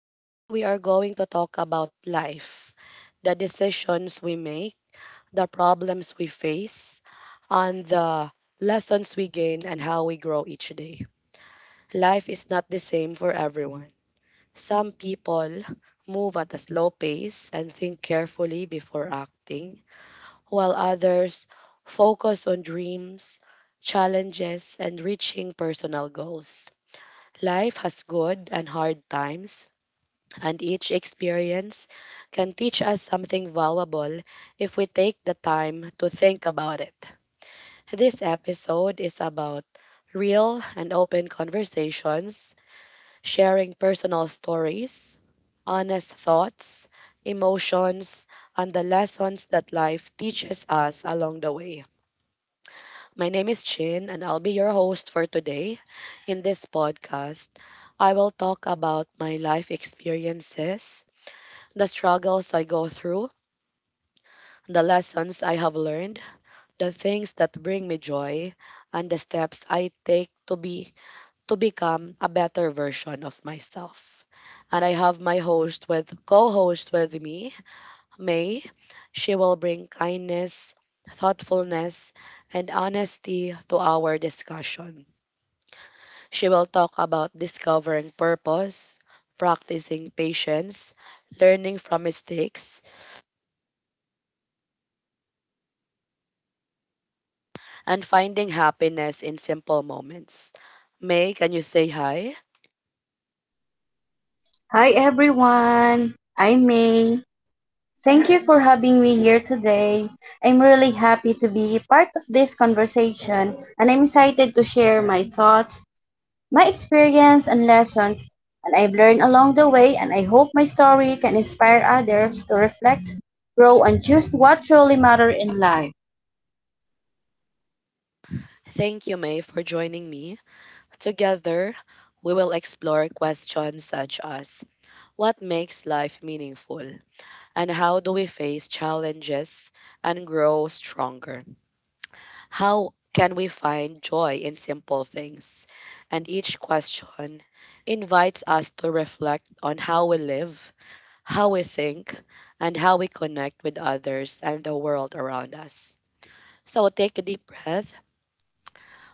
Today, we are going to talk about life, the decisions we make, the problems we face, and the lessons we gain and how we grow each day. Life is not the same for everyone. Some people move at a slow pace and think carefully before acting, while others focus on dreams, challenges, and reaching personal goals. Life has good and hard times, and each experience can teach us something valuable if we take the time to think about it. This episode is about real and open conversations, sharing personal stories, honest thoughts, emotions, and the lessons that life teaches us along the way. My name is Chin, and I'll be your host for today. In this podcast, I will talk about my life experiences, the struggles I go through, the lessons I have learned, the things that bring me joy, and the steps I take to become a better version of myself. And I have my host with co-host with me, May. She will bring kindness, thoughtfulness, and honesty to our discussion. She will talk about discovering purpose, practicing patience, learning from mistakes, and finding happiness in simple moments. May, can you say hi? Hi everyone, I'm May. Thank you for having me here today. I'm really happy to be part of this conversation and I'm excited to share my thoughts, my experience and lessons and I've learned along the way and I hope my story can inspire others to reflect, grow and choose what truly matters in life. Thank you, May, for joining me. Together, we will explore questions such as what makes life meaningful, and how do we face challenges and grow stronger? How can we find joy in simple things? And each question invites us to reflect on how we live, how we think, and how we connect with others and the world around us. So take a deep breath,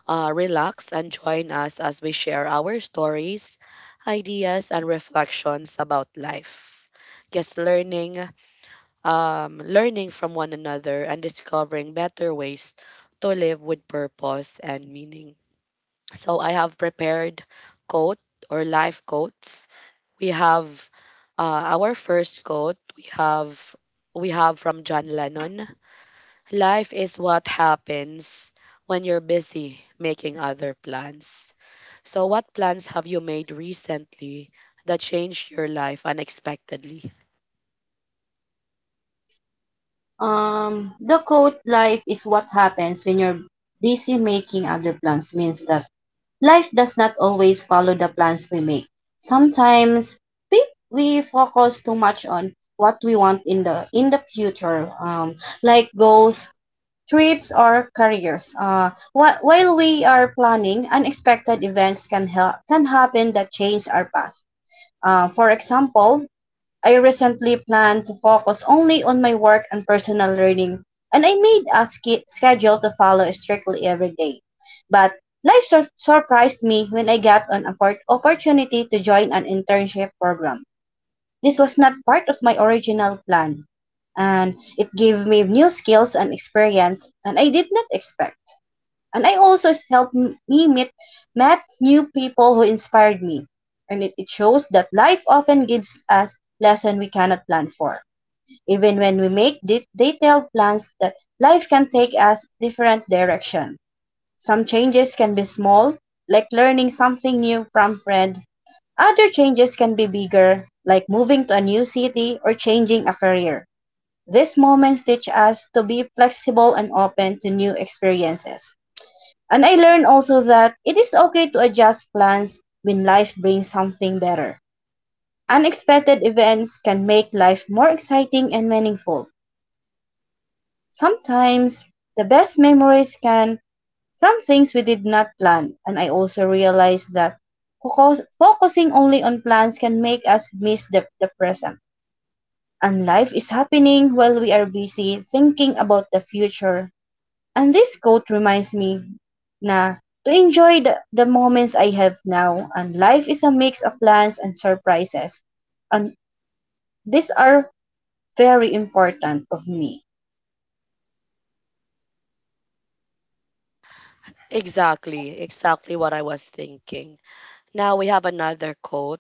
relax, and join us as we share our stories, ideas, and reflections about life. Yes, learning, learning from one another, and discovering better ways to live with purpose and meaning. So I have prepared coat or life coats. We have our first quote. We have from John Lennon. Life is what happens when you're busy making other plans. So what plans have you made recently that changed your life unexpectedly? The quote life is what happens when you're busy making other plans means that life does not always follow the plans we make. Sometimes we we focus too much on what we want in the future, like goals, trips, or careers. While we are planning, unexpected events can happen that change our path. For example, I recently planned to focus only on my work and personal learning, and I made a schedule to follow strictly every day. But life surprised me when I got an opportunity to join an internship program. This was not part of my original plan, and it gave me new skills and experience, and I did not expect and I also helped me meet met new people who inspired me. And it shows that life often gives us lessons we cannot plan for. Even when we make detailed plans that life can take us different direction. Some changes can be small, like learning something new from friend. Other changes can be bigger, like moving to a new city or changing a career. These moments teach us to be flexible and open to new experiences. And I learned also that it is okay to adjust plans when life brings something better. Unexpected events can make life more exciting and meaningful. Sometimes the best memories come from things we did not plan. And I also realized that focusing only on plans can make us miss the present. And life is happening while we are busy thinking about the future. And this quote reminds me na to enjoy the moments I have now. And life is a mix of plans and surprises. And these are very important of me. Exactly, exactly what I was thinking. Now we have another quote.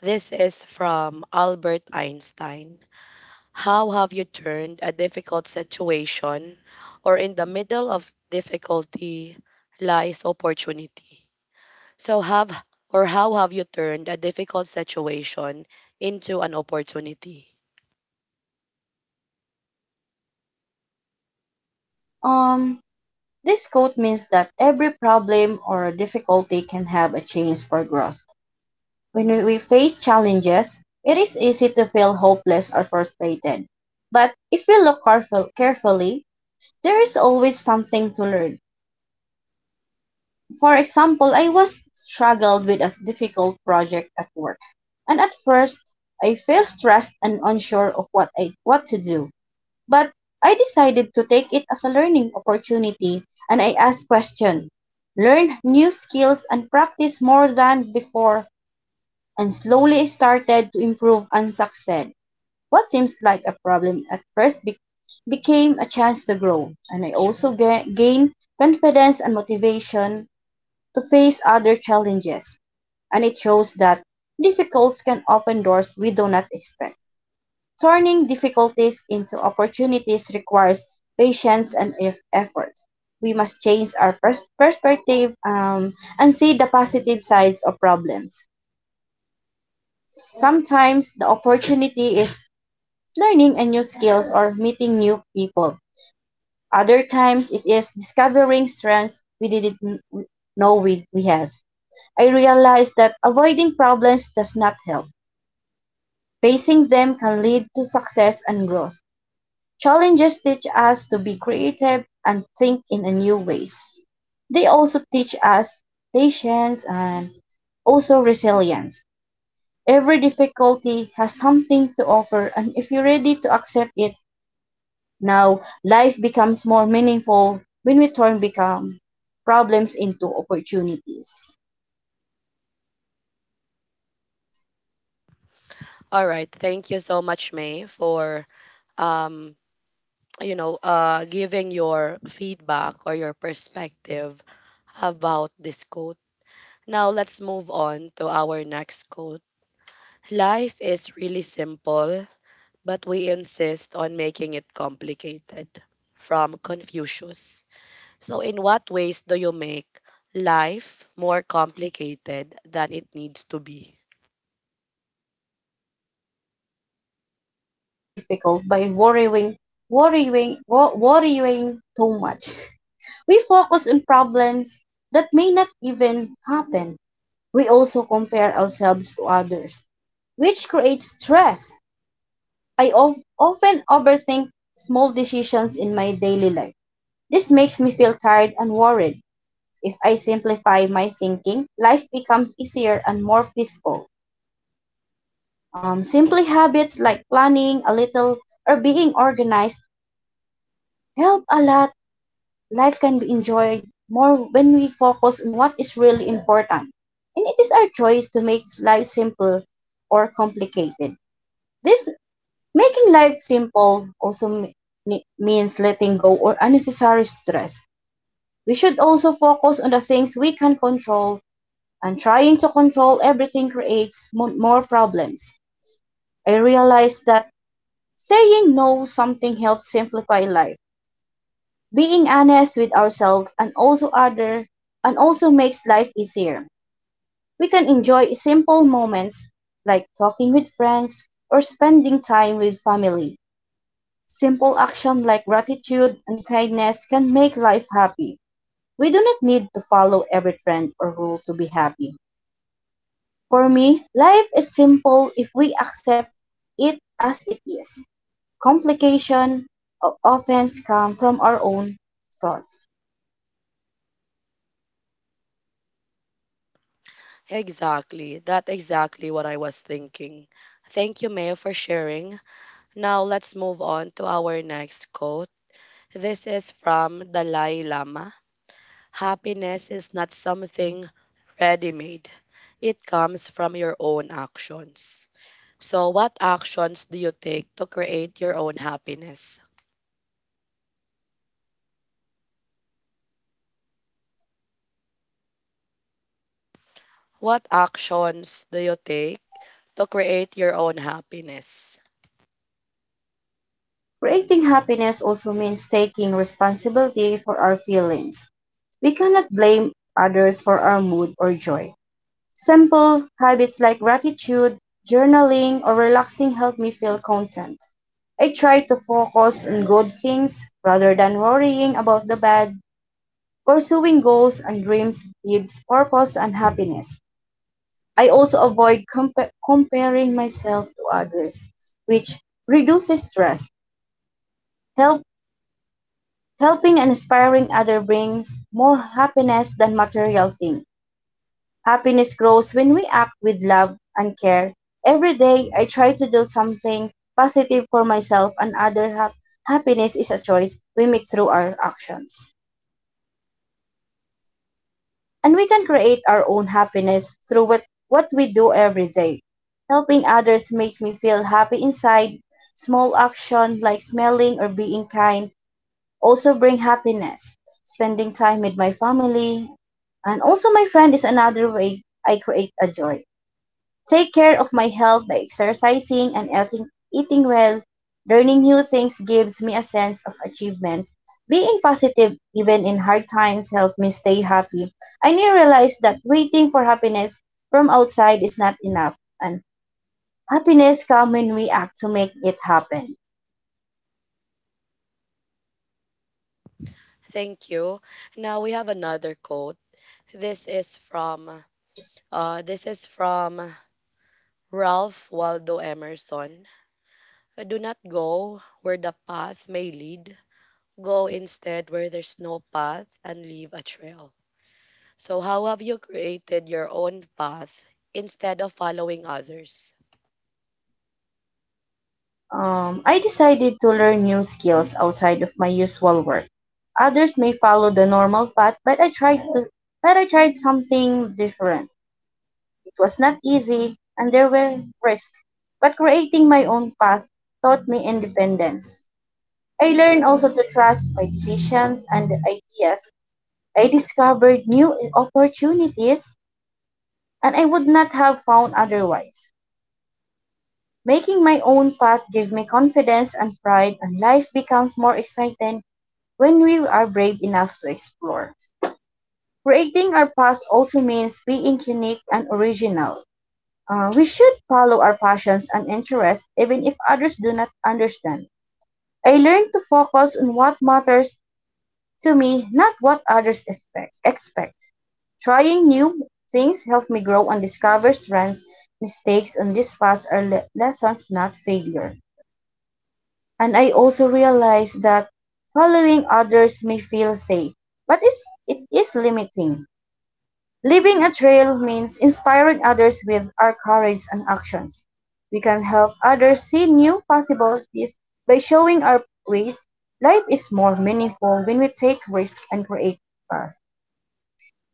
This is from Albert Einstein. How have you turned a difficult situation or in the middle of difficulty lies opportunity? So have or how have you turned a difficult situation into an opportunity? Um, this quote means that every problem or difficulty can have a chance for growth. When we face challenges, it is easy to feel hopeless or frustrated. But if we look carefully, there is always something to learn. For example, I was struggled with a difficult project at work, and at first I felt stressed and unsure of what to do. But I decided to take it as a learning opportunity and I asked questions, learned new skills and practiced more than before and slowly started to improve and succeed. What seems like a problem at first became a chance to grow and I also gained confidence and motivation to face other challenges, and it shows that difficulties can open doors we do not expect. Turning difficulties into opportunities requires patience and effort. We must change our perspective, and see the positive sides of problems. Sometimes the opportunity is learning a new skills or meeting new people. Other times it is discovering strengths we didn't know we have. I realized that avoiding problems does not help. Facing them can lead to success and growth. Challenges teach us to be creative and think in a new ways. They also teach us patience and also resilience. Every difficulty has something to offer, and if you're ready to accept it now, life becomes more meaningful when we turn become problems into opportunities. All right, thank you so much May for um giving your feedback or your perspective about this quote. Now let's move on to our next quote. Life is really simple but we insist on making it complicated. From Confucius. So, in what ways do you make life more complicated than it needs to be? Life difficult by worrying too much. We focus on problems that may not even happen. We also compare ourselves to others, which creates stress. I often overthink small decisions in my daily life. This makes me feel tired and worried. If I simplify my thinking, life becomes easier and more peaceful. Simply habits like planning a little or being organized help a lot. Life can be enjoyed more when we focus on what is really important. And it is our choice to make life simple or complicated. This making life simple also means letting go or unnecessary stress. We should also focus on the things we can control, and trying to control everything creates more problems. I realized that saying no something helps simplify life. Being honest with ourselves and also other and also makes life easier. We can enjoy simple moments like talking with friends or spending time with family. Simple action like gratitude and kindness can make life happy. We do not need to follow every trend or rule to be happy. For me, life is simple if we accept it as it is. Complication or offense come from our own thoughts. Exactly. That's exactly what I was thinking. Thank you, Mayo, for sharing. Now, let's move on to our next quote. This is from Dalai Lama. Happiness is not something ready made, it comes from your own actions. So, what actions do you take to create your own happiness? What actions do you take to create your own happiness? Creating happiness also means taking responsibility for our feelings. We cannot blame others for our mood or joy. Simple habits like gratitude, journaling, or relaxing help me feel content. I try to focus on good things rather than worrying about the bad. Pursuing goals and dreams gives purpose and happiness. I also avoid comparing myself to others, which reduces stress. Help Helping and inspiring others brings more happiness than material things. Happiness grows when we act with love and care. Every day, I try to do something positive for myself and others. Happiness is a choice we make through our actions. And we can create our own happiness through what we do every day. Helping others makes me feel happy inside. Small actions like smiling or being kind also bring happiness. Spending time with my family and also my friend is another way I create a joy. Take care of my health by exercising and eating well. Learning new things gives me a sense of achievement. Being positive even in hard times helps me stay happy. I now realize that waiting for happiness from outside is not enough and happiness comes when we act to make it happen. Thank you. Now we have another quote. This is from uh, this is from Ralph Waldo Emerson. Do not go where the path may lead. Go instead where there's no path and leave a trail. So how have you created your own path instead of following others? I decided to learn new skills outside of my usual work. Others may follow the normal path, but I tried something different. It was not easy, and there were risks, but creating my own path taught me independence. I learned also to trust my decisions and ideas. I discovered new opportunities, and I would not have found otherwise. Making my own path gave me confidence and pride, and life becomes more exciting when we are brave enough to explore. Creating our path also means being unique and original. We should follow our passions and interests even if others do not understand. I learned to focus on what matters to me, not what others expect. Trying new things helped me grow and discover strengths. Mistakes on this path are lessons, not failure. And I also realize that following others may feel safe, but it is limiting. Leaving a trail means inspiring others with our courage and actions. We can help others see new possibilities by showing our ways. Life is more meaningful when we take risks and create paths.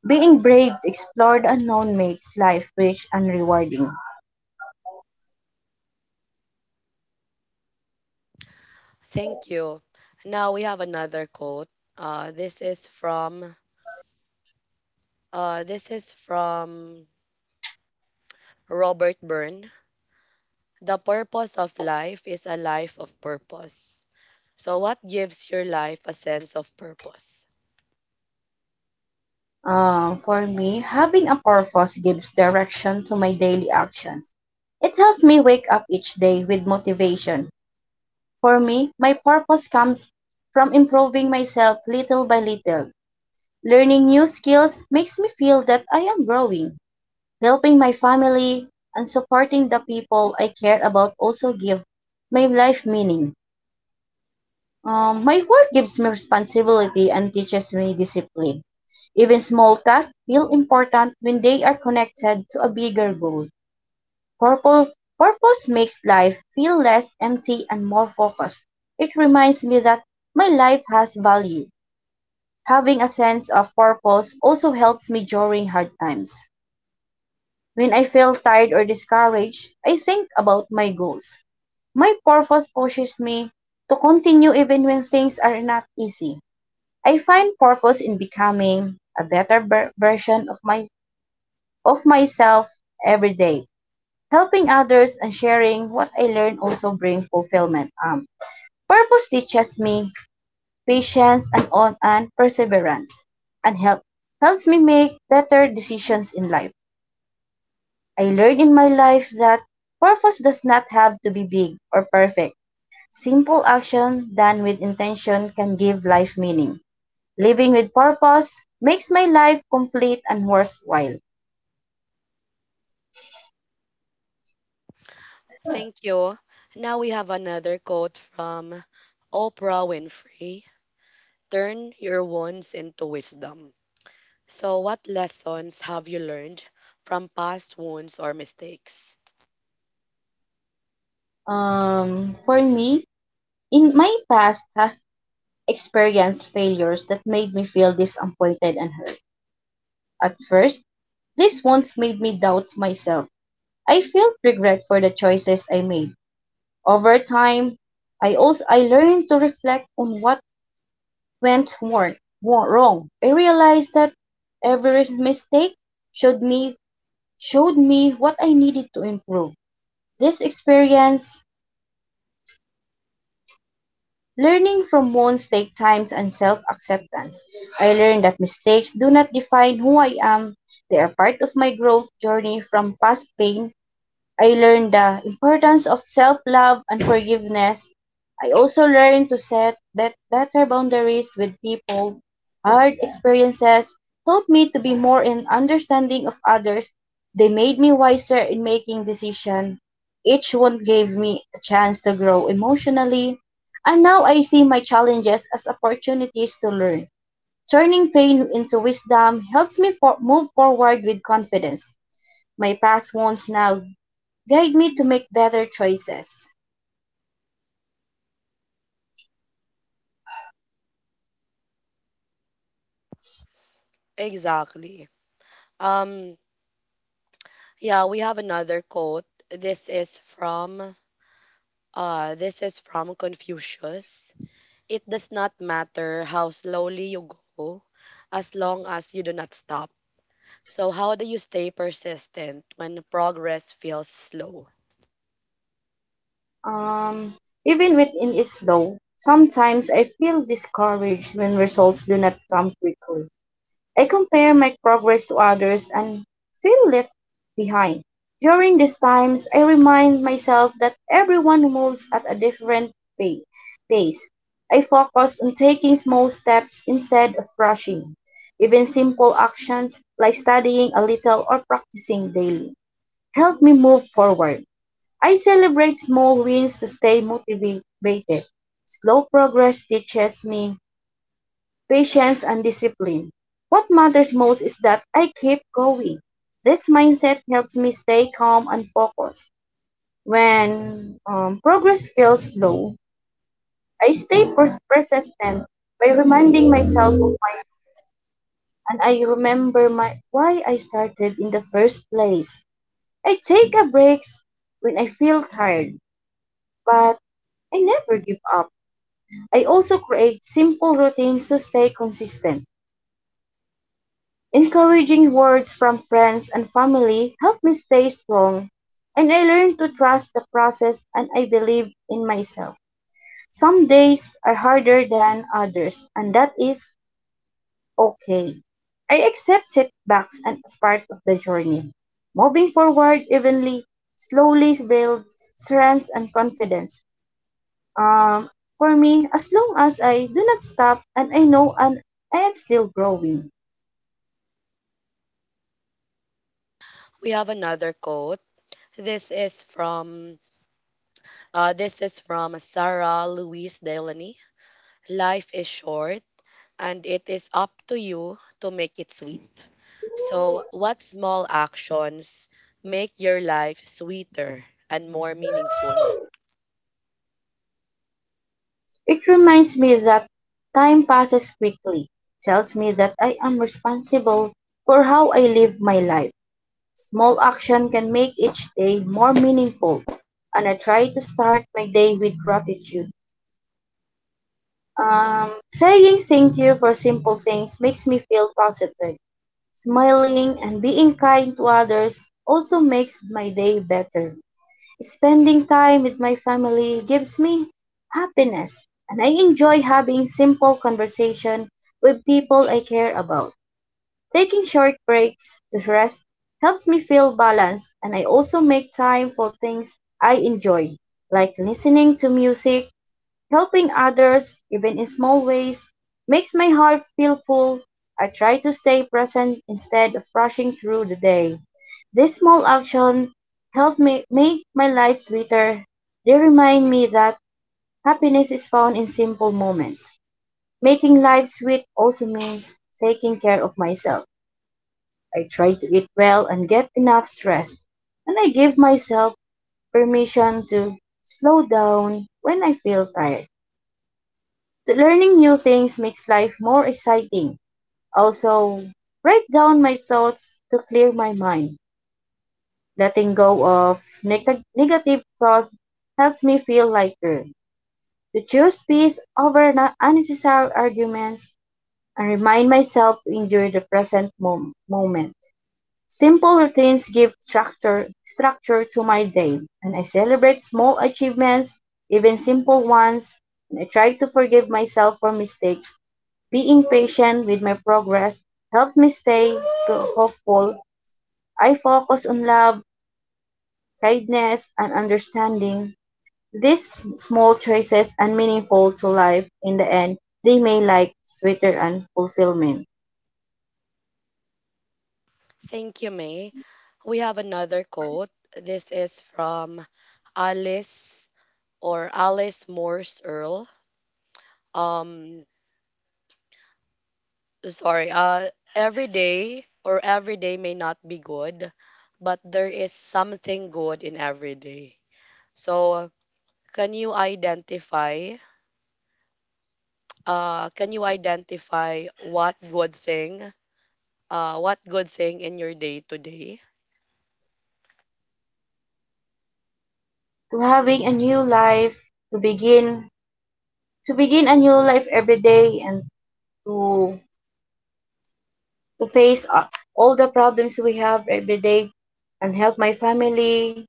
Being brave to explore the unknown makes life rich and rewarding. Thank you. Now we have another quote. Uh, this is from this is from Robert Byrne. The purpose of life is a life of purpose. So what gives your life a sense of purpose? For me, having a purpose gives direction to my daily actions. It helps me wake up each day with motivation. For me, my purpose comes from improving myself little by little. Learning new skills makes me feel that I am growing. Helping my family and supporting the people I care about also give my life meaning. My work gives me responsibility and teaches me discipline. Even small tasks feel important when they are connected to a bigger goal. Purple, Purpose makes life feel less empty and more focused. It reminds me that my life has value. Having a sense of purpose also helps me during hard times. When I feel tired or discouraged, I think about my goals. My purpose pushes me to continue even when things are not easy. I find purpose in becoming a better version of my of myself every day. Helping others and sharing what I learn also bring fulfillment. Purpose teaches me patience and perseverance, and helps me make better decisions in life. I learned in my life that purpose does not have to be big or perfect. Simple action done with intention can give life meaning. Living with purpose makes my life complete and worthwhile. Thank you. Now we have another quote from Oprah Winfrey. Turn your wounds into wisdom. So what lessons have you learned from past wounds or mistakes? For me, in my past has experienced failures that made me feel disappointed and hurt. At first, this once made me doubt myself. I felt regret for the choices I made. Over time, I learned to reflect on what went wrong. I realized that every mistake showed me showed me what I needed to improve. This experience, learning from wounds, take times and self-acceptance. I learned that mistakes do not define who I am. They are part of my growth journey from past pain. I learned the importance of self-love and forgiveness. I also learned to set better boundaries with people. Hard experiences taught me to be more in understanding of others. They made me wiser in making decisions. Each one gave me a chance to grow emotionally. And now I see my challenges as opportunities to learn. Turning pain into wisdom helps me move forward with confidence. My past wounds now guide me to make better choices. Exactly. Um Yeah, we have another quote. This is from Confucius. It does not matter how slowly you go as long as you do not stop. So how do you stay persistent when progress feels slow? Um, Even when it is slow, sometimes I feel discouraged when results do not come quickly. I compare my progress to others and feel left behind. During these times, I remind myself that everyone moves at a different pa- pace. I focus on taking small steps instead of rushing. Even simple actions like studying a little or practicing daily help me move forward. I celebrate small wins to stay motivated. Slow progress teaches me patience and discipline. What matters most is that I keep going. This mindset helps me stay calm and focused. When progress feels slow, I stay persistent by reminding myself of my and I remember my why I started in the first place. I take a breaks when I feel tired, but I never give up. I also create simple routines to stay consistent. Encouraging words from friends and family help me stay strong, and I learn to trust the process and I believe in myself. Some days are harder than others, and that is okay. I accept setbacks as part of the journey. Moving forward evenly slowly builds strength and confidence. Um, for me, as long as I do not stop and I know and I am still growing, We have another quote. This is from Sarah Louise Delaney. Life is short and it is up to you to make it sweet. So, what small actions make your life sweeter and more meaningful? it reminds me that time passes quickly, tells me that I am responsible for how I live my life. Small action can make each day more meaningful, and I try to start my day with gratitude. Saying thank you for simple things makes me feel positive. Smiling and being kind to others also makes my day better. Spending time with my family gives me happiness, and I enjoy having simple conversation with people I care about. Taking short breaks to rest helps me feel balanced, and I also make time for things I enjoy, like listening to music. Helping others, even in small ways, makes my heart feel full. I try to stay present instead of rushing through the day. These small actions help me make my life sweeter. They remind me that happiness is found in simple moments. Making life sweet also means taking care of myself. I try to eat well and get enough rest, and I give myself permission to slow down when I feel tired. Learning new things makes life more exciting. Also, write down my thoughts to clear my mind. Letting go of negative thoughts helps me feel lighter. To choose peace over unnecessary arguments and remind myself to enjoy the present moment. Simple routines give structure to my day, and I celebrate small achievements, even simple ones, and I try to forgive myself for mistakes being patient with my progress helped me stay hopeful. I focus on love, kindness, and understanding. These small choices are meaningful to life in the end. They may like sweeter and fulfillment. Thank you, May. We have another quote. This is from Alice or Alice Morse Earl. Um, sorry. Every day or every day may not be good, but there is something good in every day. So, can you identify? Can you identify what good thing what good thing in your day today? To having a new life, to begin to begin a new life every day and to to face all the problems we have every day and help my family,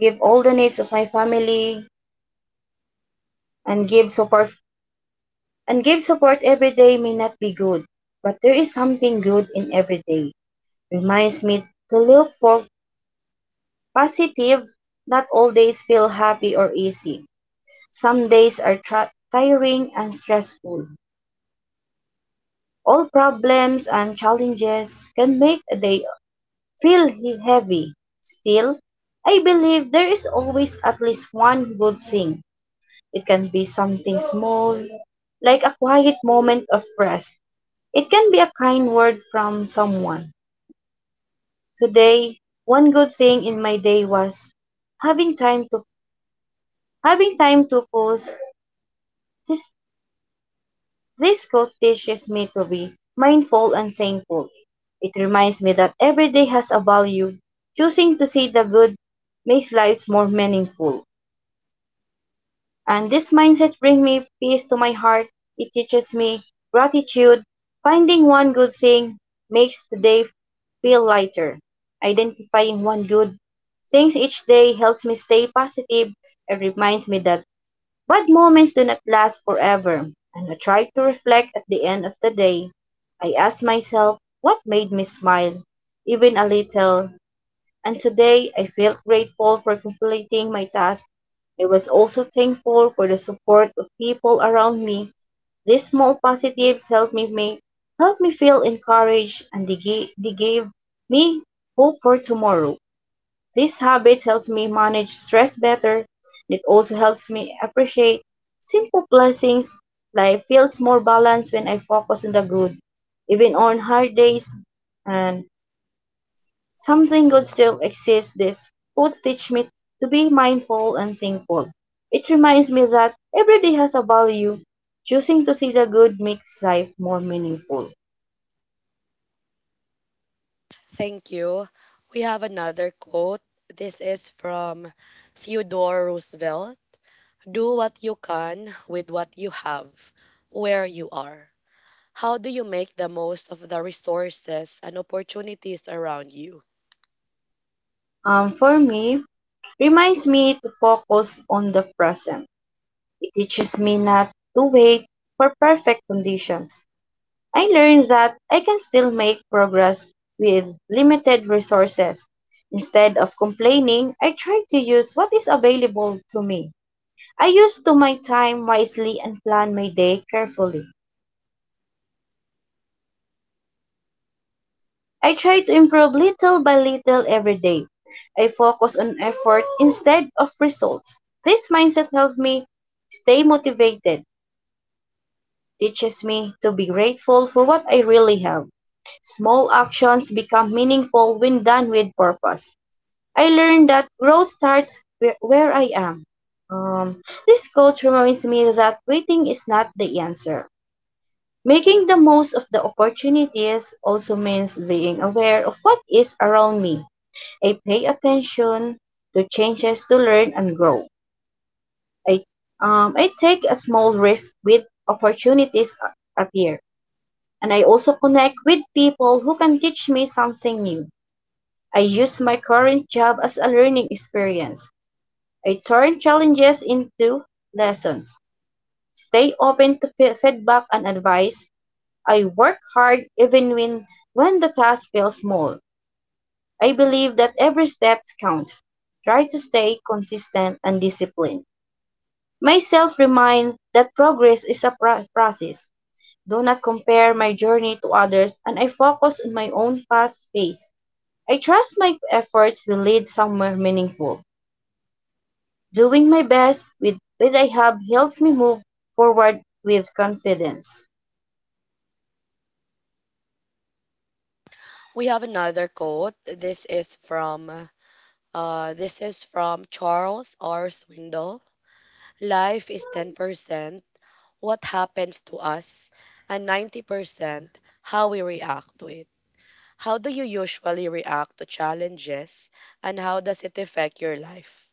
give all the needs of my family, and give support every day may not be good, but there is something good in every day. Reminds me to look for positive. Not all days feel happy or easy. Some days are tiring and stressful. All problems and challenges can make a day feel heavy. Still, I believe there is always at least one good thing. It can be something small, like a quiet moment of rest. It can be a kind word from someone. Today, one good thing in my day was having time to having time to pause. This this course teaches me to be mindful and thankful. It reminds me that every day has a value. Choosing to see the good makes lives more meaningful. And this mindset brings me peace to my heart. It teaches me gratitude. Finding one good thing makes the day feel lighter. Identifying one good thing each day helps me stay positive and reminds me that bad moments do not last forever. And I try to reflect at the end of the day. I ask myself, what made me smile? Even a little. And today, I felt grateful for completing my task. I was also thankful for the support of people around me. These small positives helped me feel encouraged, and they gave me hope for tomorrow. This habit helps me manage stress better. It also helps me appreciate simple blessings. Life feels more balanced when I focus on the good, even on hard days. And something good still exists this would teach me to be mindful and thankful. It reminds me that every day has a value. Choosing to see the good makes life more meaningful. Thank you. We have another quote. This is from Theodore Roosevelt. Do what you can with what you have, where you are. How do you make the most of the resources and opportunities around you? For me, reminds me to focus on the present. It teaches me not to wait for perfect conditions. I learned that I can still make progress with limited resources. Instead of complaining, I try to use what is available to me. I used to my time wisely and plan my day carefully. I try to improve little by little every day. I focus on effort instead of results. This mindset helps me stay motivated, teaches me to be grateful for what I really have. Small actions become meaningful when done with purpose. I learned that growth starts where I am. This quote reminds me that waiting is not the answer. Making the most of the opportunities also means being aware of what is around me. I pay attention to changes to learn and grow. I, I take a small risk with opportunities appear. And I also connect with people who can teach me something new. I use my current job as a learning experience. I turn challenges into lessons. Stay open to feedback and advice. I work hard even when the task feels small. I believe that every step counts. Try to stay consistent and disciplined. Myself remind that progress is a process. Do not compare my journey to others and I focus on my own path pace. I trust my efforts will lead somewhere meaningful. Doing my best with what I have helps me move forward with confidence. We have another quote. This is from Charles R. Swindoll. Life is 10% what happens to us, and 90% how we react to it. How do you usually react to challenges, and how does it affect your life?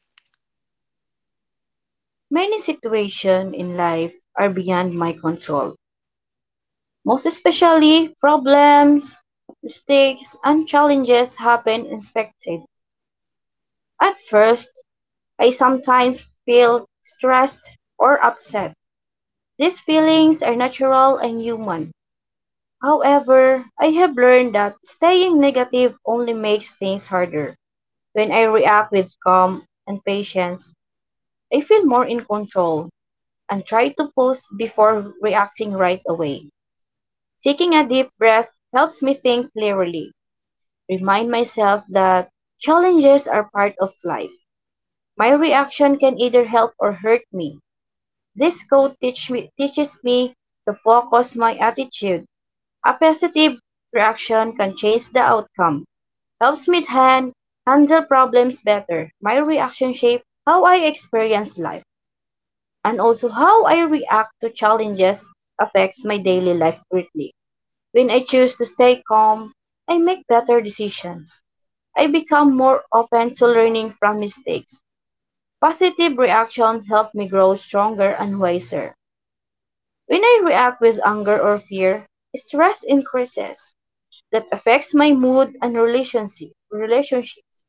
Many situations in life are beyond my control. Most especially, problems, mistakes, and challenges happen unexpected. At first, I sometimes feel stressed or upset. These feelings are natural and human. However, I have learned that staying negative only makes things harder. When I react with calm and patience, I feel more in control and try to pause before reacting right away. Taking a deep breath helps me think clearly. Remind myself that challenges are part of life. My reaction can either help or hurt me. This quote teaches me to focus my attitude. A positive reaction can change the outcome, helps me handle problems better. My reaction shape how I experience life, and also how I react to challenges affects my daily life greatly. When I choose to stay calm, I make better decisions. I become more open to learning from mistakes. Positive reactions help me grow stronger and wiser. When I react with anger or fear, stress increases. That affects my mood and relationships.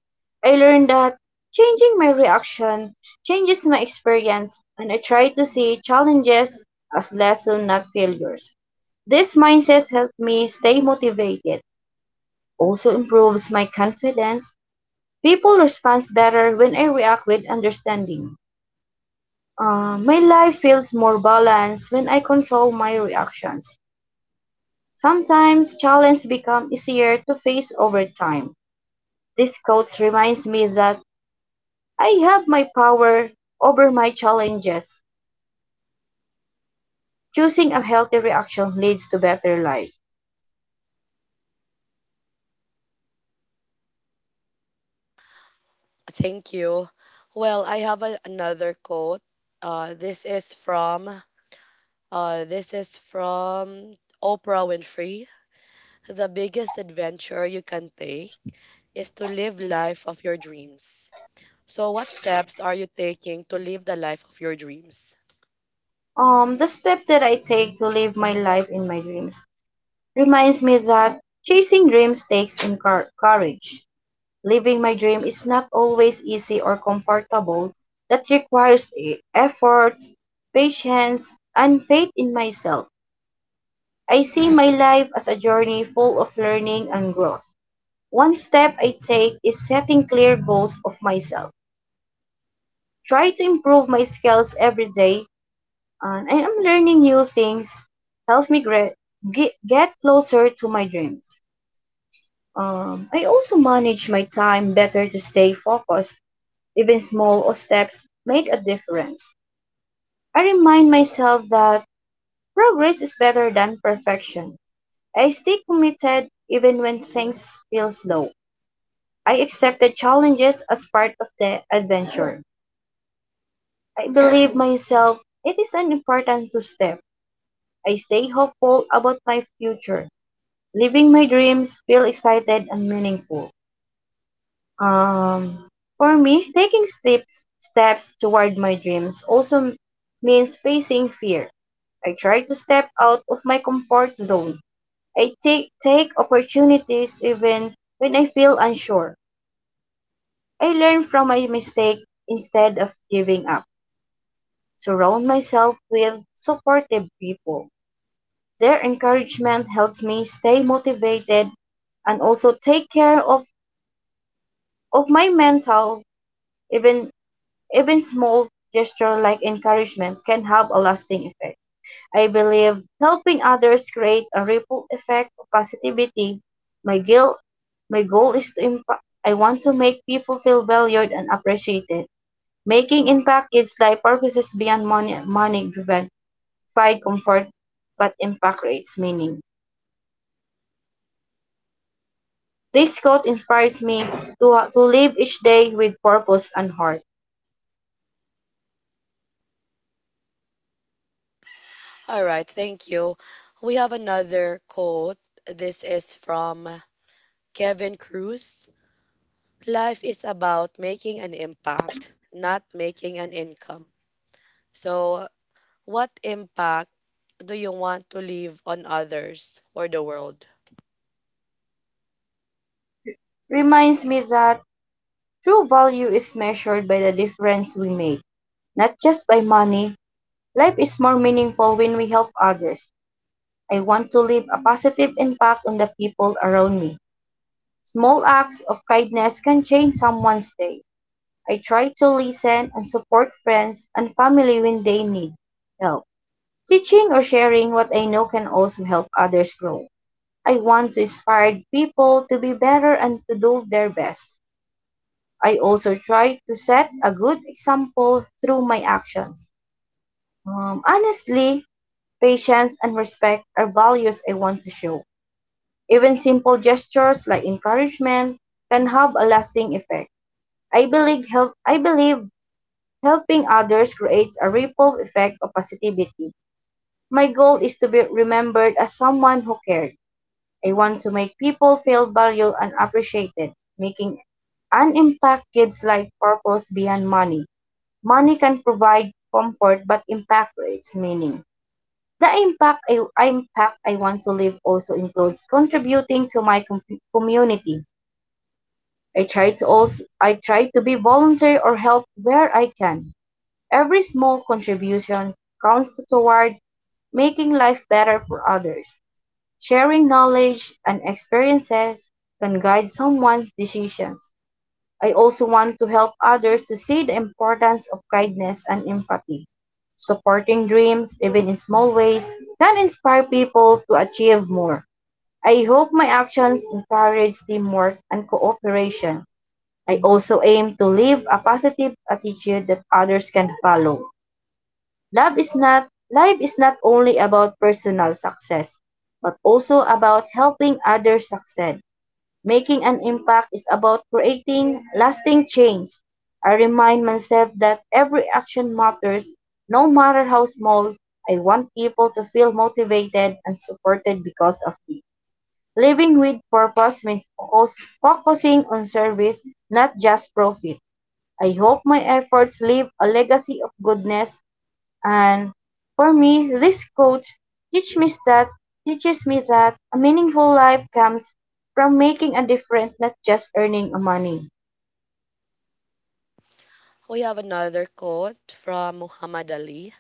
I learned that changing my reaction changes my experience, and I try to see challenges as lessons, not failures. This mindset helped me stay motivated, also improves my confidence. People respond better when I react with understanding. My life feels more balanced when I control my reactions. Sometimes challenges become easier to face over time. This quote reminds me that I have my power over my challenges. Choosing a healthy reaction leads to better life. Thank you. Well, another quote. Uh, this is from this is from Oprah Winfrey. The biggest adventure you can take is to live life of your dreams. So, what steps are you taking to live the life of your dreams? The steps that I take to live my life in my dreams reminds me that chasing dreams takes courage. Living my dream is not always easy or comfortable. That requires effort, patience, and faith in myself. I see my life as a journey full of learning and growth. One step I take is setting clear goals of myself. Try to improve my skills every day, and I am learning new things. Help me get closer to my dreams. I also manage my time better to stay focused. Even small steps make a difference. I remind myself that progress is better than perfection. I stay committed even when things feel slow. I accepted challenges as part of the adventure. I believe myself it is an important to step. I stay hopeful about my future, living my dreams, feel excited and meaningful. Um, for me, taking steps toward my dreams also means facing fear. I try to step out of my comfort zone. I take opportunities even when I feel unsure. I learn from my mistake instead of giving up. Surround myself with supportive people. Their encouragement helps me stay motivated and also take care of my mental even. Even small gestures like encouragement can have a lasting effect. I believe helping others create a ripple effect of positivity. My guilt, my goal is to impact. I want to make people feel valued and appreciated. Making impact gives life purposes beyond money driven. Provide comfort, but impact creates meaning. This quote inspires me to live each day with purpose and heart. All right, thank you. We have another quote. This is from Kevin Cruz. Life is about making an impact, not making an income. So, what impact do you want to leave on others or the world? Reminds me that true value is measured by the difference we make, not just by money. Life is more meaningful when we help others. I want to leave a positive impact on the people around me. Small acts of kindness can change someone's day. I try to listen and support friends and family when they need help. Teaching or sharing what I know can also help others grow. I want to inspire people to be better and to do their best. I also try to set a good example through my actions. Honestly, patience and respect are values I want to show. Even simple gestures like encouragement can have a lasting effect. I believe helping others creates a ripple effect of positivity. My goal is to be remembered as someone who cared. I want to make people feel valued and appreciated, making an impact gives life purpose beyond money. Money can provide comfort, but impact creates meaning. The impact I want to leave also includes contributing to my community. I try to be volunteer or help where I can. Every small contribution counts toward making life better for others. Sharing knowledge and experiences can guide someone's decisions. I also want to help others to see the importance of kindness and empathy. Supporting dreams, even in small ways, can inspire people to achieve more. I hope my actions encourage teamwork and cooperation. I also aim to live a positive attitude that others can follow. Love is not Life is not only about personal success, but also about helping others succeed. Making an impact is about creating lasting change. I remind myself that every action matters, no matter how small. I want people to feel motivated and supported because of me. Living with purpose means focusing on service, not just profit. I hope my efforts leave a legacy of goodness. And for me, this quote teach me that teaches me that a meaningful life comes from making a difference, not just earning a money. We have another quote from Muhammad Ali.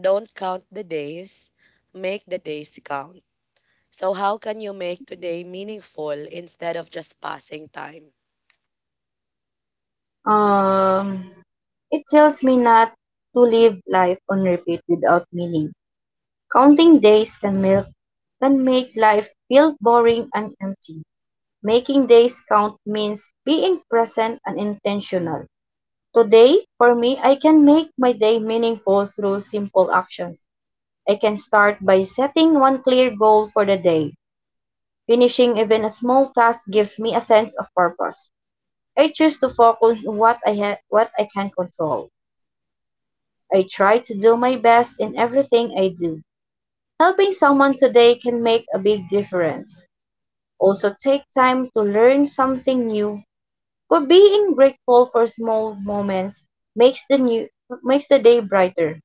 Don't count the days, make the days count. So, how can you make today meaningful instead of just passing time? Um, it tells me not to live life on repeat without meaning. Counting days can milk can make life feel boring and empty. Making days count means being present and intentional. Today, for me, I can make my day meaningful through simple actions. I can start by setting one clear goal for the day. Finishing even a small task gives me a sense of purpose. I choose to focus on what I can control. I try to do my best in everything I do. Helping someone today can make a big difference. Also take time to learn something new. But being grateful for small moments makes the new makes the day brighter.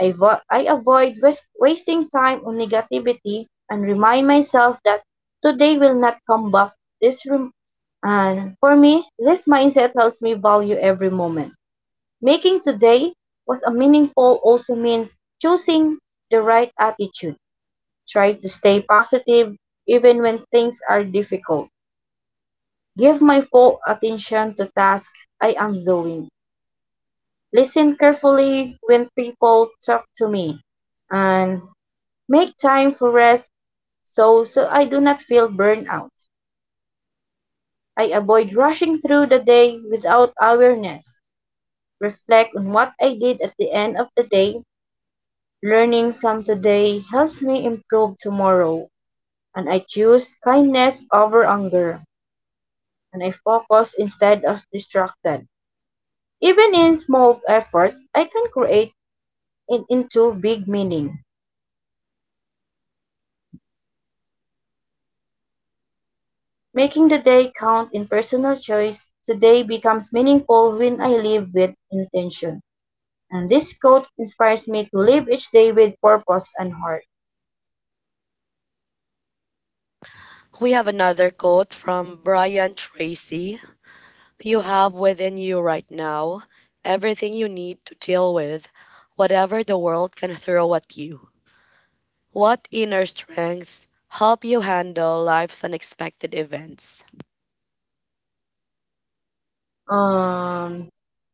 I avoid wasting time on negativity and remind myself that today will not come back. This rem- and for me, this mindset helps me value every moment. Making today was a meaningful also means choosing the right attitude. Try to stay positive even when things are difficult. Give my full attention to tasks I am doing. Listen carefully when people talk to me. And make time for rest so I do not feel burnout. I avoid rushing through the day without awareness. Reflect on what I did at the end of the day. Learning from today helps me improve tomorrow. And I choose kindness over anger. And I focus instead of distracted. Even in small efforts, I can create it into big meaning. Making the day count in personal choice, today becomes meaningful when I live with intention. And this quote inspires me to live each day with purpose and heart. We have another quote from Brian Tracy. You have within you right now everything you need to deal with whatever the world can throw at you. What inner strengths help you handle life's unexpected events? Um,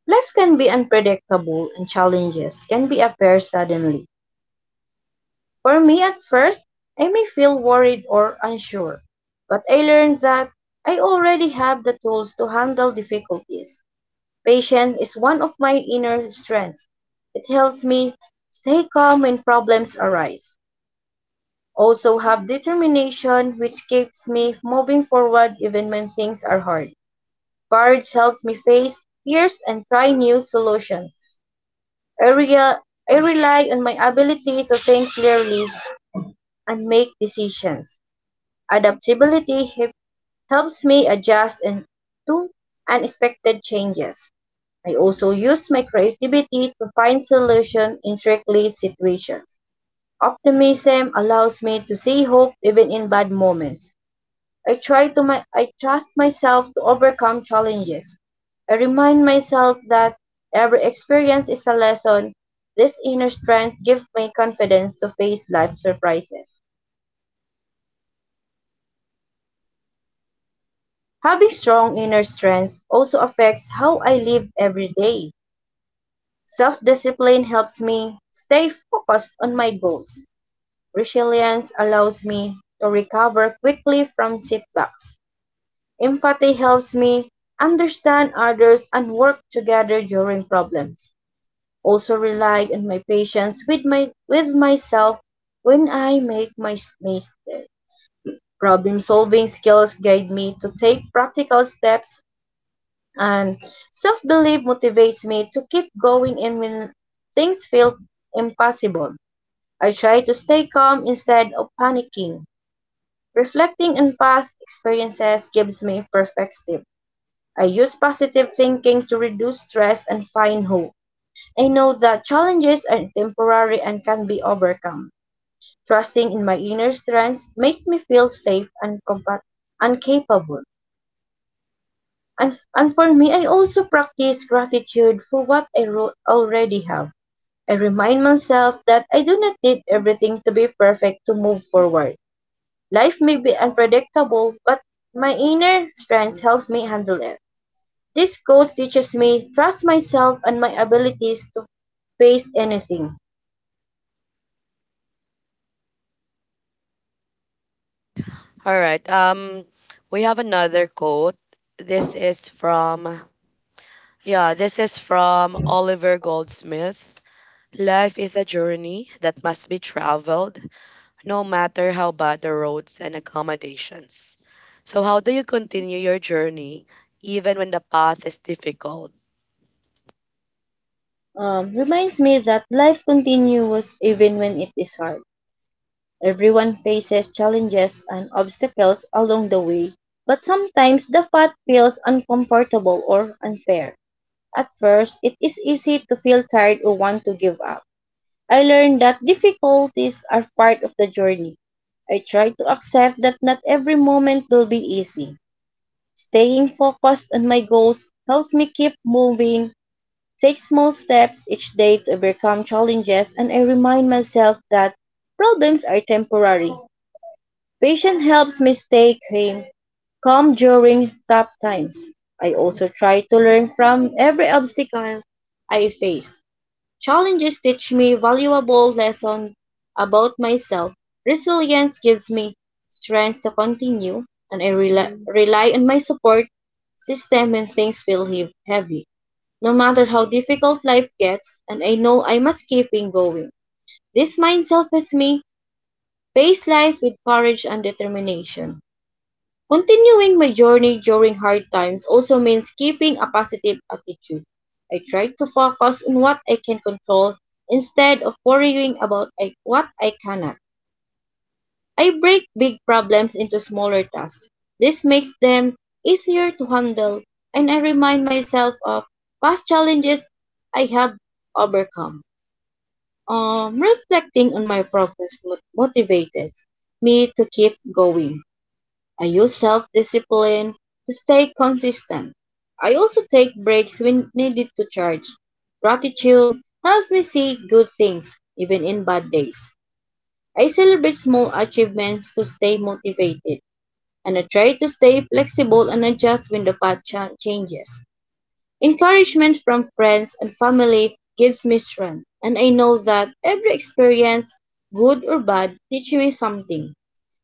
Life can be unpredictable and challenges can be appear suddenly. For me at first, I may feel worried or unsure, but I learned that I already have the tools to handle difficulties. Patience is one of my inner strengths. It helps me stay calm when problems arise. Also have determination which keeps me moving forward even when things are hard. Courage helps me face fears and try new solutions. I, rea- I rely on my ability to think clearly and make decisions. Adaptability helps me adjust and to unexpected changes. I also use my creativity to find solutions in tricky situations. Optimism allows me to see hope even in bad moments. I trust myself to overcome challenges. I remind myself that every experience is a lesson. This inner strength gives me confidence to face life surprises. Having strong inner strength also affects how I live every day. Self-discipline helps me stay focused on my goals. Resilience allows me to recover quickly from setbacks. Empathy helps me understand others and work together during problems. Also rely on my patience with myself when I make my mistakes. Problem solving skills guide me to take practical steps and self belief motivates me to keep going and when things feel impossible. I try to stay calm instead of panicking. Reflecting on past experiences gives me perspective. I use positive thinking to reduce stress and find hope. I know that challenges are temporary and can be overcome. Trusting in my inner strength makes me feel safe and capable. And for me, I also practice gratitude for what already have. I remind myself that I do not need everything to be perfect to move forward. Life may be unpredictable, but my inner strength helps me handle it. This coach teaches me trust myself and my abilities to face anything. All right. We have another quote. This is from yeah, this is from Oliver Goldsmith. Life is a journey that must be traveled no matter how bad the roads and accommodations. So, how do you continue your journey even when the path is difficult? Reminds me that life continues even when it is hard. Everyone faces challenges and obstacles along the way, but sometimes the path feels uncomfortable or unfair. At first, it is easy to feel tired or want to give up. I learned that difficulties are part of the journey. I try to accept that not every moment will be easy. Staying focused on my goals helps me keep moving, take small steps each day to overcome challenges, and I remind myself that problems are temporary. Patience helps me stay calm during tough times. I also try to learn from every obstacle I face. Challenges teach me valuable lessons about myself. Resilience gives me strength to continue, and I rely on my support system when things feel heavy. No matter how difficult life gets, and I know I must keep in going. This mindset helps me face life with courage and determination. Continuing my journey during hard times also means keeping a positive attitude. I try to focus on what I can control instead of worrying about what I cannot. I break big problems into smaller tasks. This makes them easier to handle, and I remind myself of past challenges I have overcome. Reflecting on my progress motivates me to keep going. I use self discipline to stay consistent. I also take breaks when needed to charge. Gratitude helps me see good things even in bad days. I celebrate small achievements to stay motivated, and I try to stay flexible and adjust when the path changes. Encouragement from friends and family gives me strength, and I know that every experience, good or bad, teaches me something.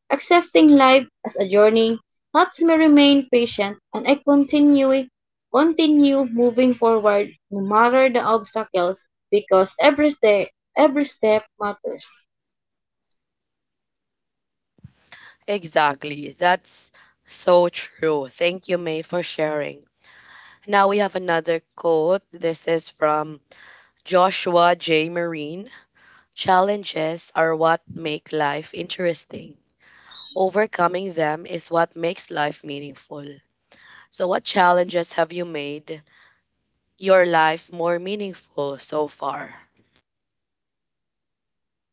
Accepting life as a journey helps me remain patient and I continue moving forward no matter the obstacles because every step matters. Exactly. That's so true. Thank you, May, for sharing. Now we have another quote. This is from Joshua J. Marine. Challenges are what make life interesting. Overcoming them is what makes life meaningful. So, what challenges have you made your life more meaningful so far?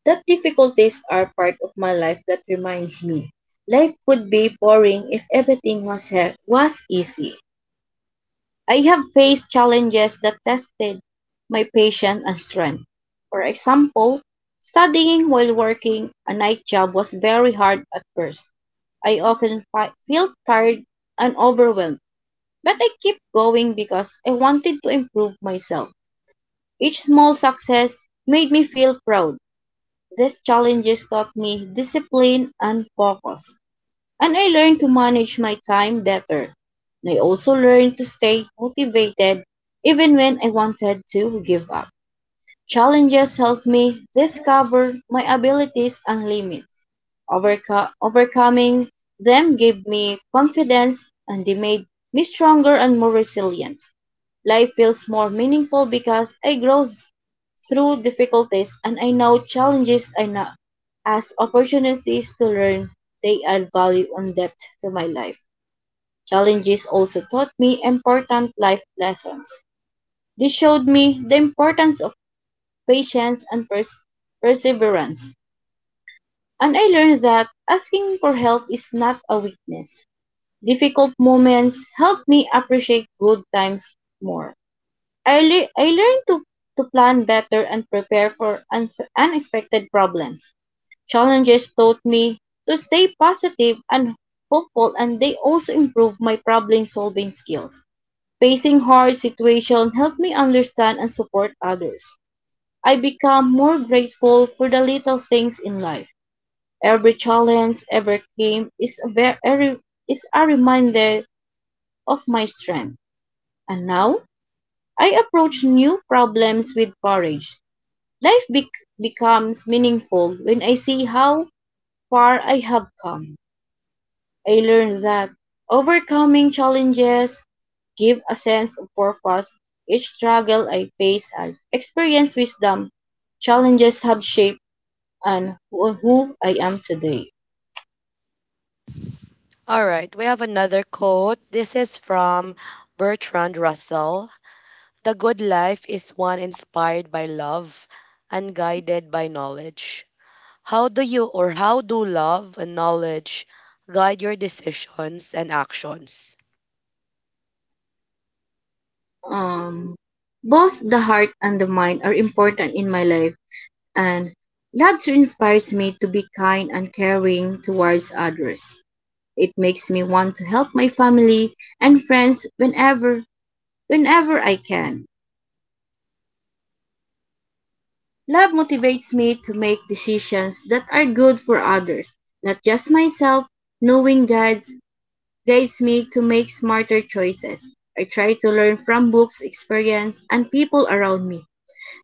That difficulties are part of my life that reminds me life would be boring if everything was easy. I have faced challenges that tested my patience and strength. For example, studying while working a night job was very hard at first. I often felt tired and overwhelmed, but I kept going because I wanted to improve myself. Each small success made me feel proud. These challenges taught me discipline and focus and I learned to manage my time better. And I also learned to stay motivated even when I wanted to give up. Challenges helped me discover my abilities and limits. Overcoming them gave me confidence and they made me stronger and more resilient. Life feels more meaningful because I grow through difficulties, and I know challenges I know as opportunities to learn. They add value and depth to my life. Challenges also taught me important life lessons. They showed me the importance of patience and pers- perseverance. And I learned that asking for help is not a weakness. Difficult moments help me appreciate good times more. I learned to plan better and prepare for unexpected problems. Challenges taught me to stay positive and hopeful, and they also improved my problem solving skills. Facing hard situations helped me understand and support others. I become more grateful for the little things in life. Every challenge overcame is a, ver- a re- is a reminder of my strength. And now, I approach new problems with courage. Life bec becomes meaningful when I see how far I have come. I learned that overcoming challenges give a sense of purpose. Each struggle I face has experienced wisdom. Challenges have shaped who I am today. All right, we have another quote. This is from Bertrand Russell. The good life is one inspired by love and guided by knowledge. How do love and knowledge guide your decisions and actions? Um, Both the heart and the mind are important in my life, and Labster inspires me to be kind and caring towards others. It makes me want to help my family and friends whenever I can. Love motivates me to make decisions that are good for others, not just myself. Knowing guides Guides me to make smarter choices. I try to learn from books, experience, and people around me.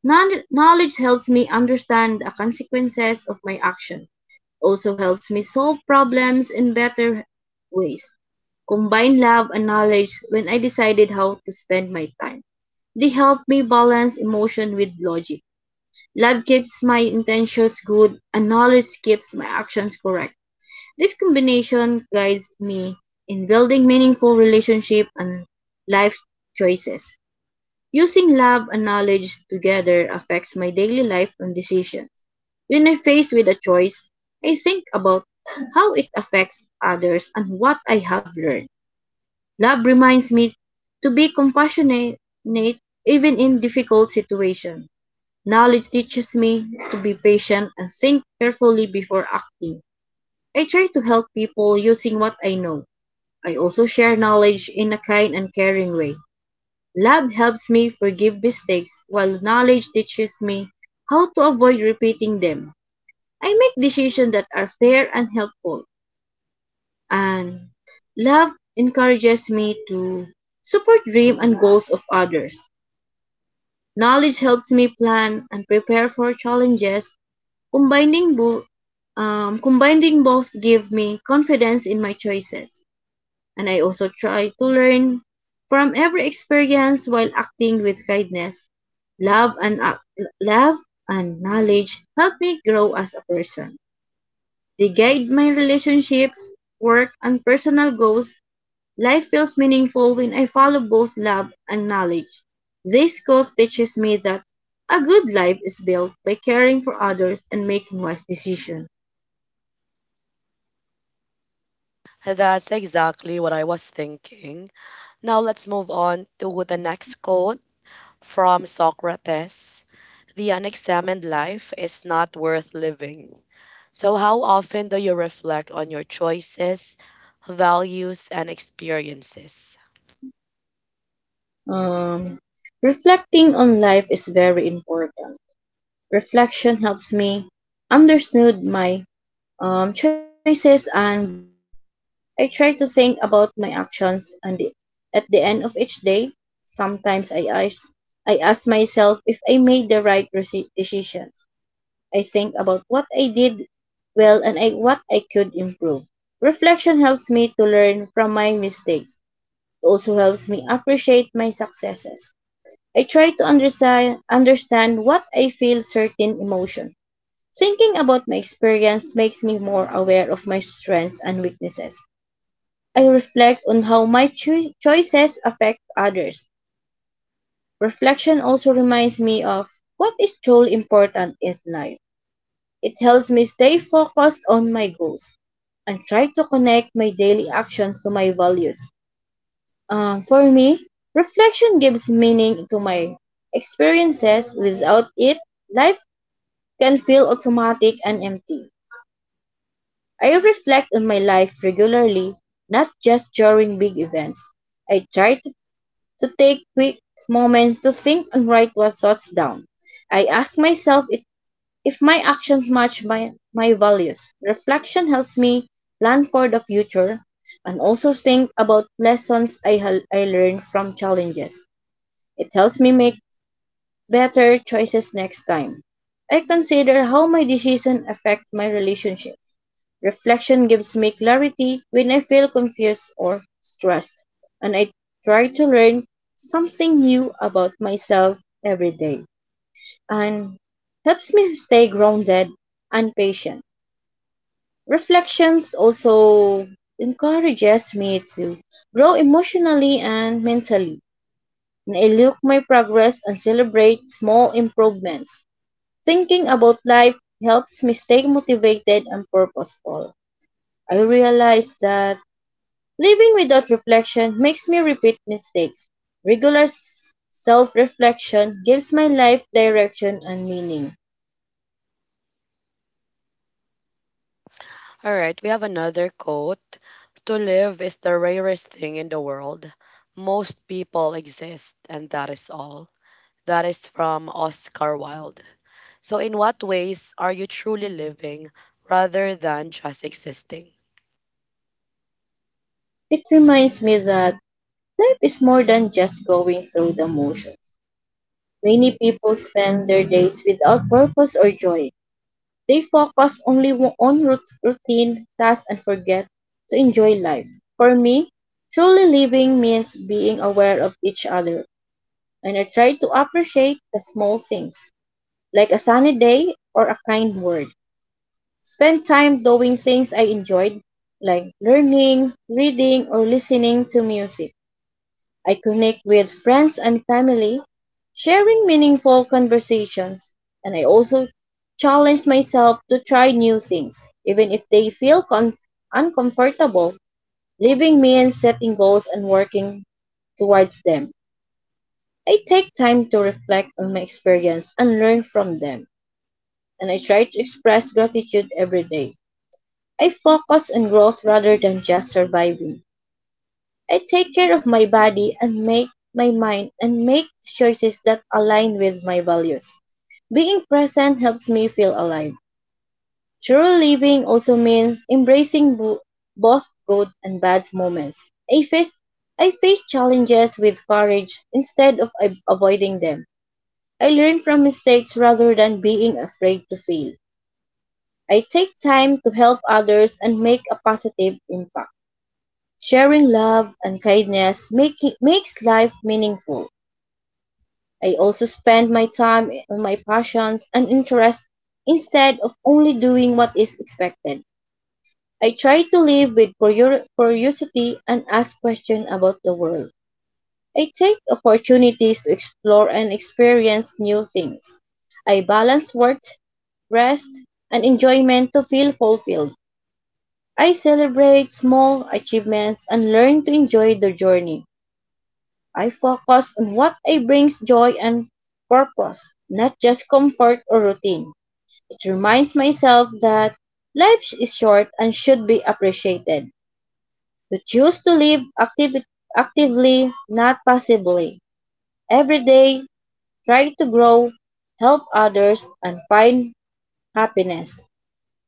Knowledge helps me understand the consequences of my action. Also helps me solve problems in better ways. Combine love and knowledge when I decided how to spend my time. They help me balance emotion with logic. Love keeps my intentions good, and knowledge keeps my actions correct. This combination guides me in building meaningful relationships and life choices. Using love and knowledge together affects my daily life and decisions. When I'm faced with a choice, I think about how it affects others and what I have learned. Love reminds me to be compassionate even in difficult situations. Knowledge teaches me to be patient and think carefully before acting. I try to help people using what I know. I also share knowledge in a kind and caring way. Love helps me forgive mistakes, while knowledge teaches me how to avoid repeating them. I make decisions that are fair and helpful, and love encourages me to support dreams and goals of others. Knowledge helps me plan and prepare for challenges. Combining, bo- Combining both give me confidence in my choices, and I also try to learn from every experience while acting with kindness. Love and ac- Love and knowledge help me grow as a person. They guide my relationships, work, and personal goals. Life feels meaningful when I follow both love and knowledge. This quote teaches me that a good life is built by caring for others and making wise decisions. That's exactly what I was thinking. Now let's move on to the next quote. From Socrates. The unexamined life is not worth living. So, how often do you reflect on your choices, values, and experiences? Um, Reflecting on life is very important. Reflection helps me understand my choices and values. I try to think about my actions at the end of each day. Sometimes I ask myself if I made the right decisions. I think about what I did well what I could improve. Reflection helps me to learn from my mistakes. It also helps me appreciate my successes. I try to understand what I feel certain emotions. Thinking about my experience makes me more aware of my strengths and weaknesses. I reflect on how my choices affect others. Reflection also reminds me of what is truly important in life. It helps me stay focused on my goals and try to connect my daily actions to my values. For me, reflection gives meaning to my experiences. Without it, life can feel automatic and empty. I reflect on my life regularly, not just during big events. I try to take quick moments to think and write my thoughts down. I ask myself if my actions match my values. Reflection helps me plan for the future and also think about lessons I learned from challenges. It helps me make better choices next time. I consider how my decision affect my relationships. Reflection gives me clarity when I feel confused or stressed, and I try to learn something new about myself every day, and helps me stay grounded and patient. Reflections also encourages me to grow emotionally and mentally, and I look my progress and celebrate small improvements. Thinking about life helps me stay motivated and purposeful. I realize that living without reflection makes me repeat mistakes. Regular self reflection gives my life direction and meaning. All right, we have another quote. To live is the rarest thing in the world. Most people exist, and that is all. That is from Oscar Wilde. So, in what ways are you truly living rather than just existing? It reminds me that life is more than just going through the motions. Many people spend their days without purpose or joy. They focus only on routine tasks and forget to enjoy life. For me, truly living means being aware of each other, and I try to appreciate the small things, like a sunny day or a kind word. Spend time doing things I enjoyed, like learning, reading, or listening to music. I connect with friends and family, sharing meaningful conversations, and I also challenge myself to try new things, even if they feel uncomfortable. Living means setting goals and working towards them. I take time to reflect on my experience and learn from them, and I try to express gratitude every day. I focus on growth rather than just surviving. I take care of my body and make my mind and make choices that align with my values. Being present helps me feel alive. True living also means embracing both good and bad moments. I face I face challenges with courage instead of avoiding them. I learn from mistakes rather than being afraid to fail. I take time to help others and make a positive impact. Sharing love and kindness makes life meaningful. I also spend my time on my passions and interests instead of only doing what is expected. I try to live with curiosity and ask questions about the world. I take opportunities to explore and experience new things. I balance work, rest, and enjoyment to feel fulfilled. I celebrate small achievements and learn to enjoy the journey. I focus on what I brings joy and purpose, not just comfort or routine. It reminds myself that life is short and should be appreciated. To choose to live actively, not passively. Every day, try to grow, help others, and find happiness.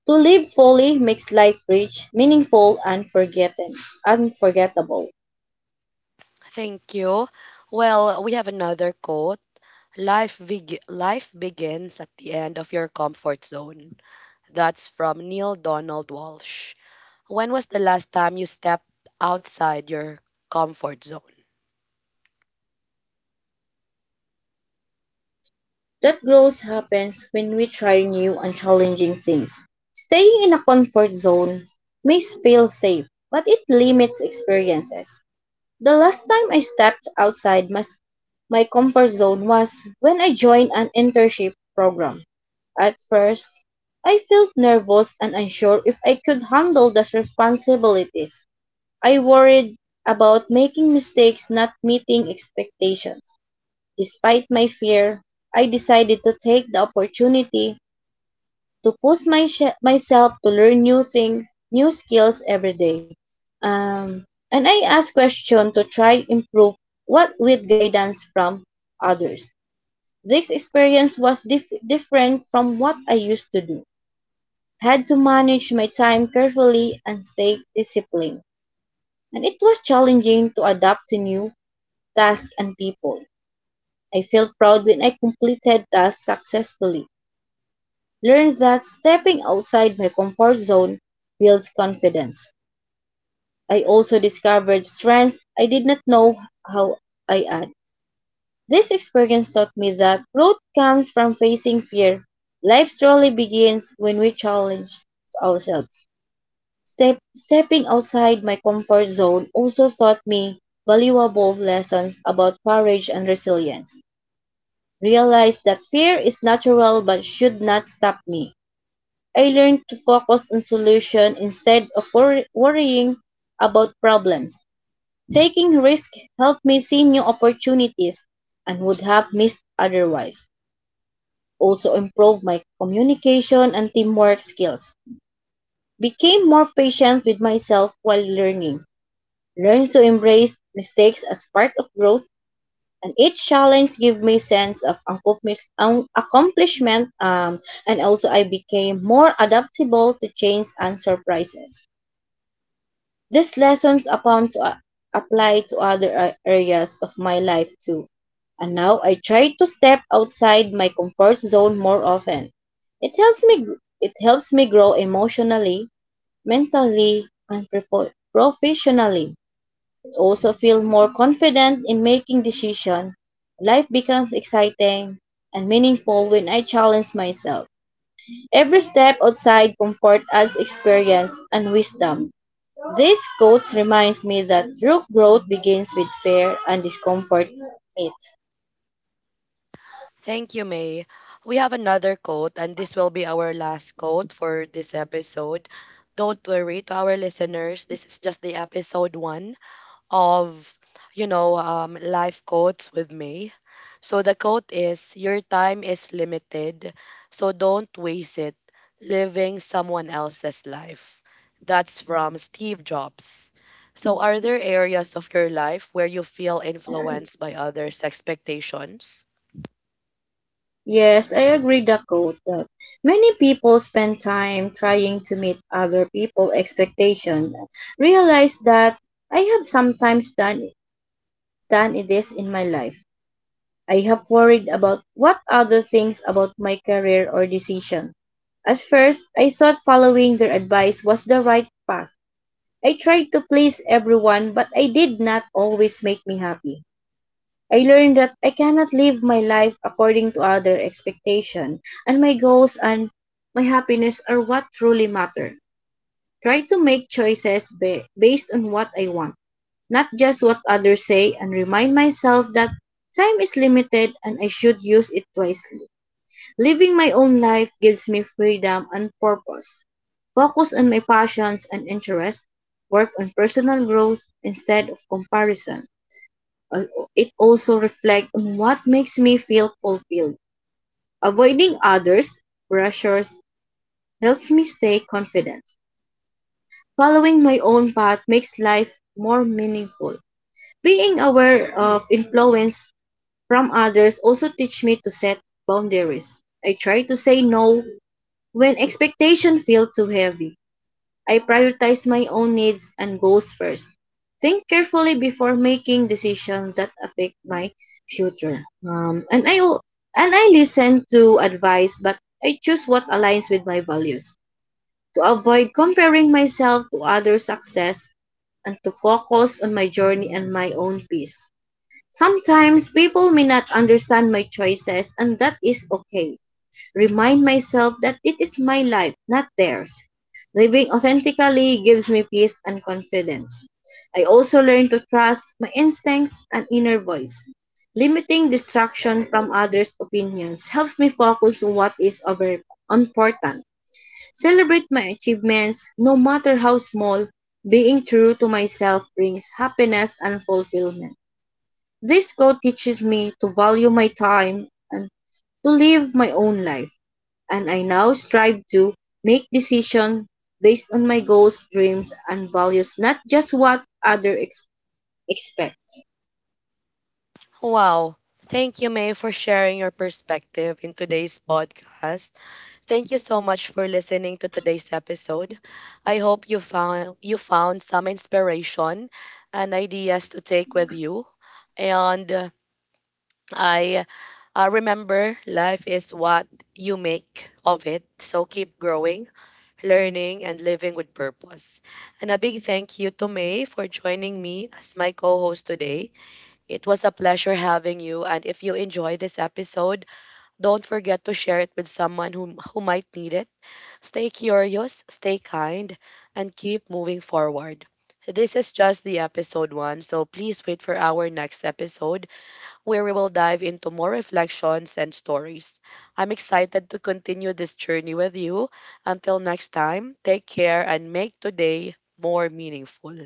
To live fully makes life rich, meaningful, and unforgettable. Thank you. Well, we have another quote. Life begins at the end of your comfort zone. That's from Neil Donald Walsh. When was the last time you stepped outside your comfort zone? That growth happens when we try new and challenging things. Staying in a comfort zone may feel safe, but it limits experiences. The last time I stepped outside my comfort zone was when I joined an internship program. At first, I felt nervous and unsure if I could handle the responsibilities. I worried about making mistakes, not meeting expectations. Despite my fear, I decided to take the opportunity to push my myself to learn new things, new skills every day. Um, and I ask questions to try improve what with guidance from others. This experience was different from what I used to do. Had to manage my time carefully and stay disciplined. And it was challenging to adapt to new tasks and people. I felt proud when I completed tasks successfully, learned that stepping outside my comfort zone builds confidence. I also discovered strengths I did not know how I had. This experience taught me that growth comes from facing fear. Life truly begins when we challenge ourselves. Stepping outside my comfort zone also taught me valuable lessons about courage and resilience. Realize that fear is natural but should not stop me. I learned to focus on solutions instead of worrying about problems. Taking risk helped me see new opportunities and would have missed otherwise. Also improved my communication and teamwork skills. Became more patient with myself while learning. Learned to embrace mistakes as part of growth, and each challenge gave me sense of accomplishment, and also I became more adaptable to change and surprises. These lessons apply to other areas of my life too. And now I try to step outside my comfort zone more often. It helps me grow emotionally, mentally, and professionally. It also feel more confident in making decisions. Life becomes exciting and meaningful when I challenge myself. Every step outside comfort adds experience and wisdom. This quote reminds me that true growth begins with fear and discomfort meet. Thank you, May. We have another quote, and this will be our last quote for this episode. Don't worry to our listeners, this is just the episode one. Of life quotes with me. So the quote is your time is limited, so don't waste it living someone else's life. That's from Steve Jobs. So are there areas of your life where you feel influenced by others' expectations? Yes, I agree the quote that many people spend time trying to meet other people's expectation. Realize that I have sometimes done it this in my life. I have worried about what other things about my career or decision. At first, I thought following their advice was the right path. I tried to please everyone, but I did not always make me happy. I learned that I cannot live my life according to other expectation, and my goals and my happiness are what truly matter. Try to make choices based on what I want, not just what others say, and remind myself that time is limited and I should use it wisely. Living my own life gives me freedom and purpose. Focus on my passions and interests, work on personal growth instead of comparison. Al- It also reflects on what makes me feel fulfilled. Avoiding others' pressures helps me stay confident. Following my own path makes life more meaningful. Being aware of influence from others also teach me to set boundaries. I try to say no. When expectations feel too heavy, I prioritize my own needs and goals first. Think carefully before making decisions that affect my future. And I listen to advice, but I choose what aligns with my values, to avoid comparing myself to others' success and to focus on my journey and my own peace. Sometimes people may not understand my choices, and that is okay. Remind myself that it is my life, not theirs. Living authentically gives me peace and confidence. I also learn to trust my instincts and inner voice. Limiting distraction from others' opinions helps me focus on what is important. Celebrate my achievements, no matter how small. Being true to myself brings happiness and fulfillment. This quote teaches me to value my time and to live my own life, and I now strive to make decisions based on my goals, dreams, and values, not just what others expect. Wow. Thank you, May, for sharing your perspective in today's podcast. Thank you so much for listening to today's episode. I hope you found some inspiration and ideas to take with you. And I remember life is what you make of it. So keep growing, learning, and living with purpose. And a big thank you to May for joining me as my co host today. It was a pleasure having you. And if you enjoy this episode, don't forget to share it with someone who might need it. Stay curious, stay kind, and keep moving forward. This is just the episode one, so please wait for our next episode where we will dive into more reflections and stories. I'm excited to continue this journey with you. Until next time, take care and make today more meaningful.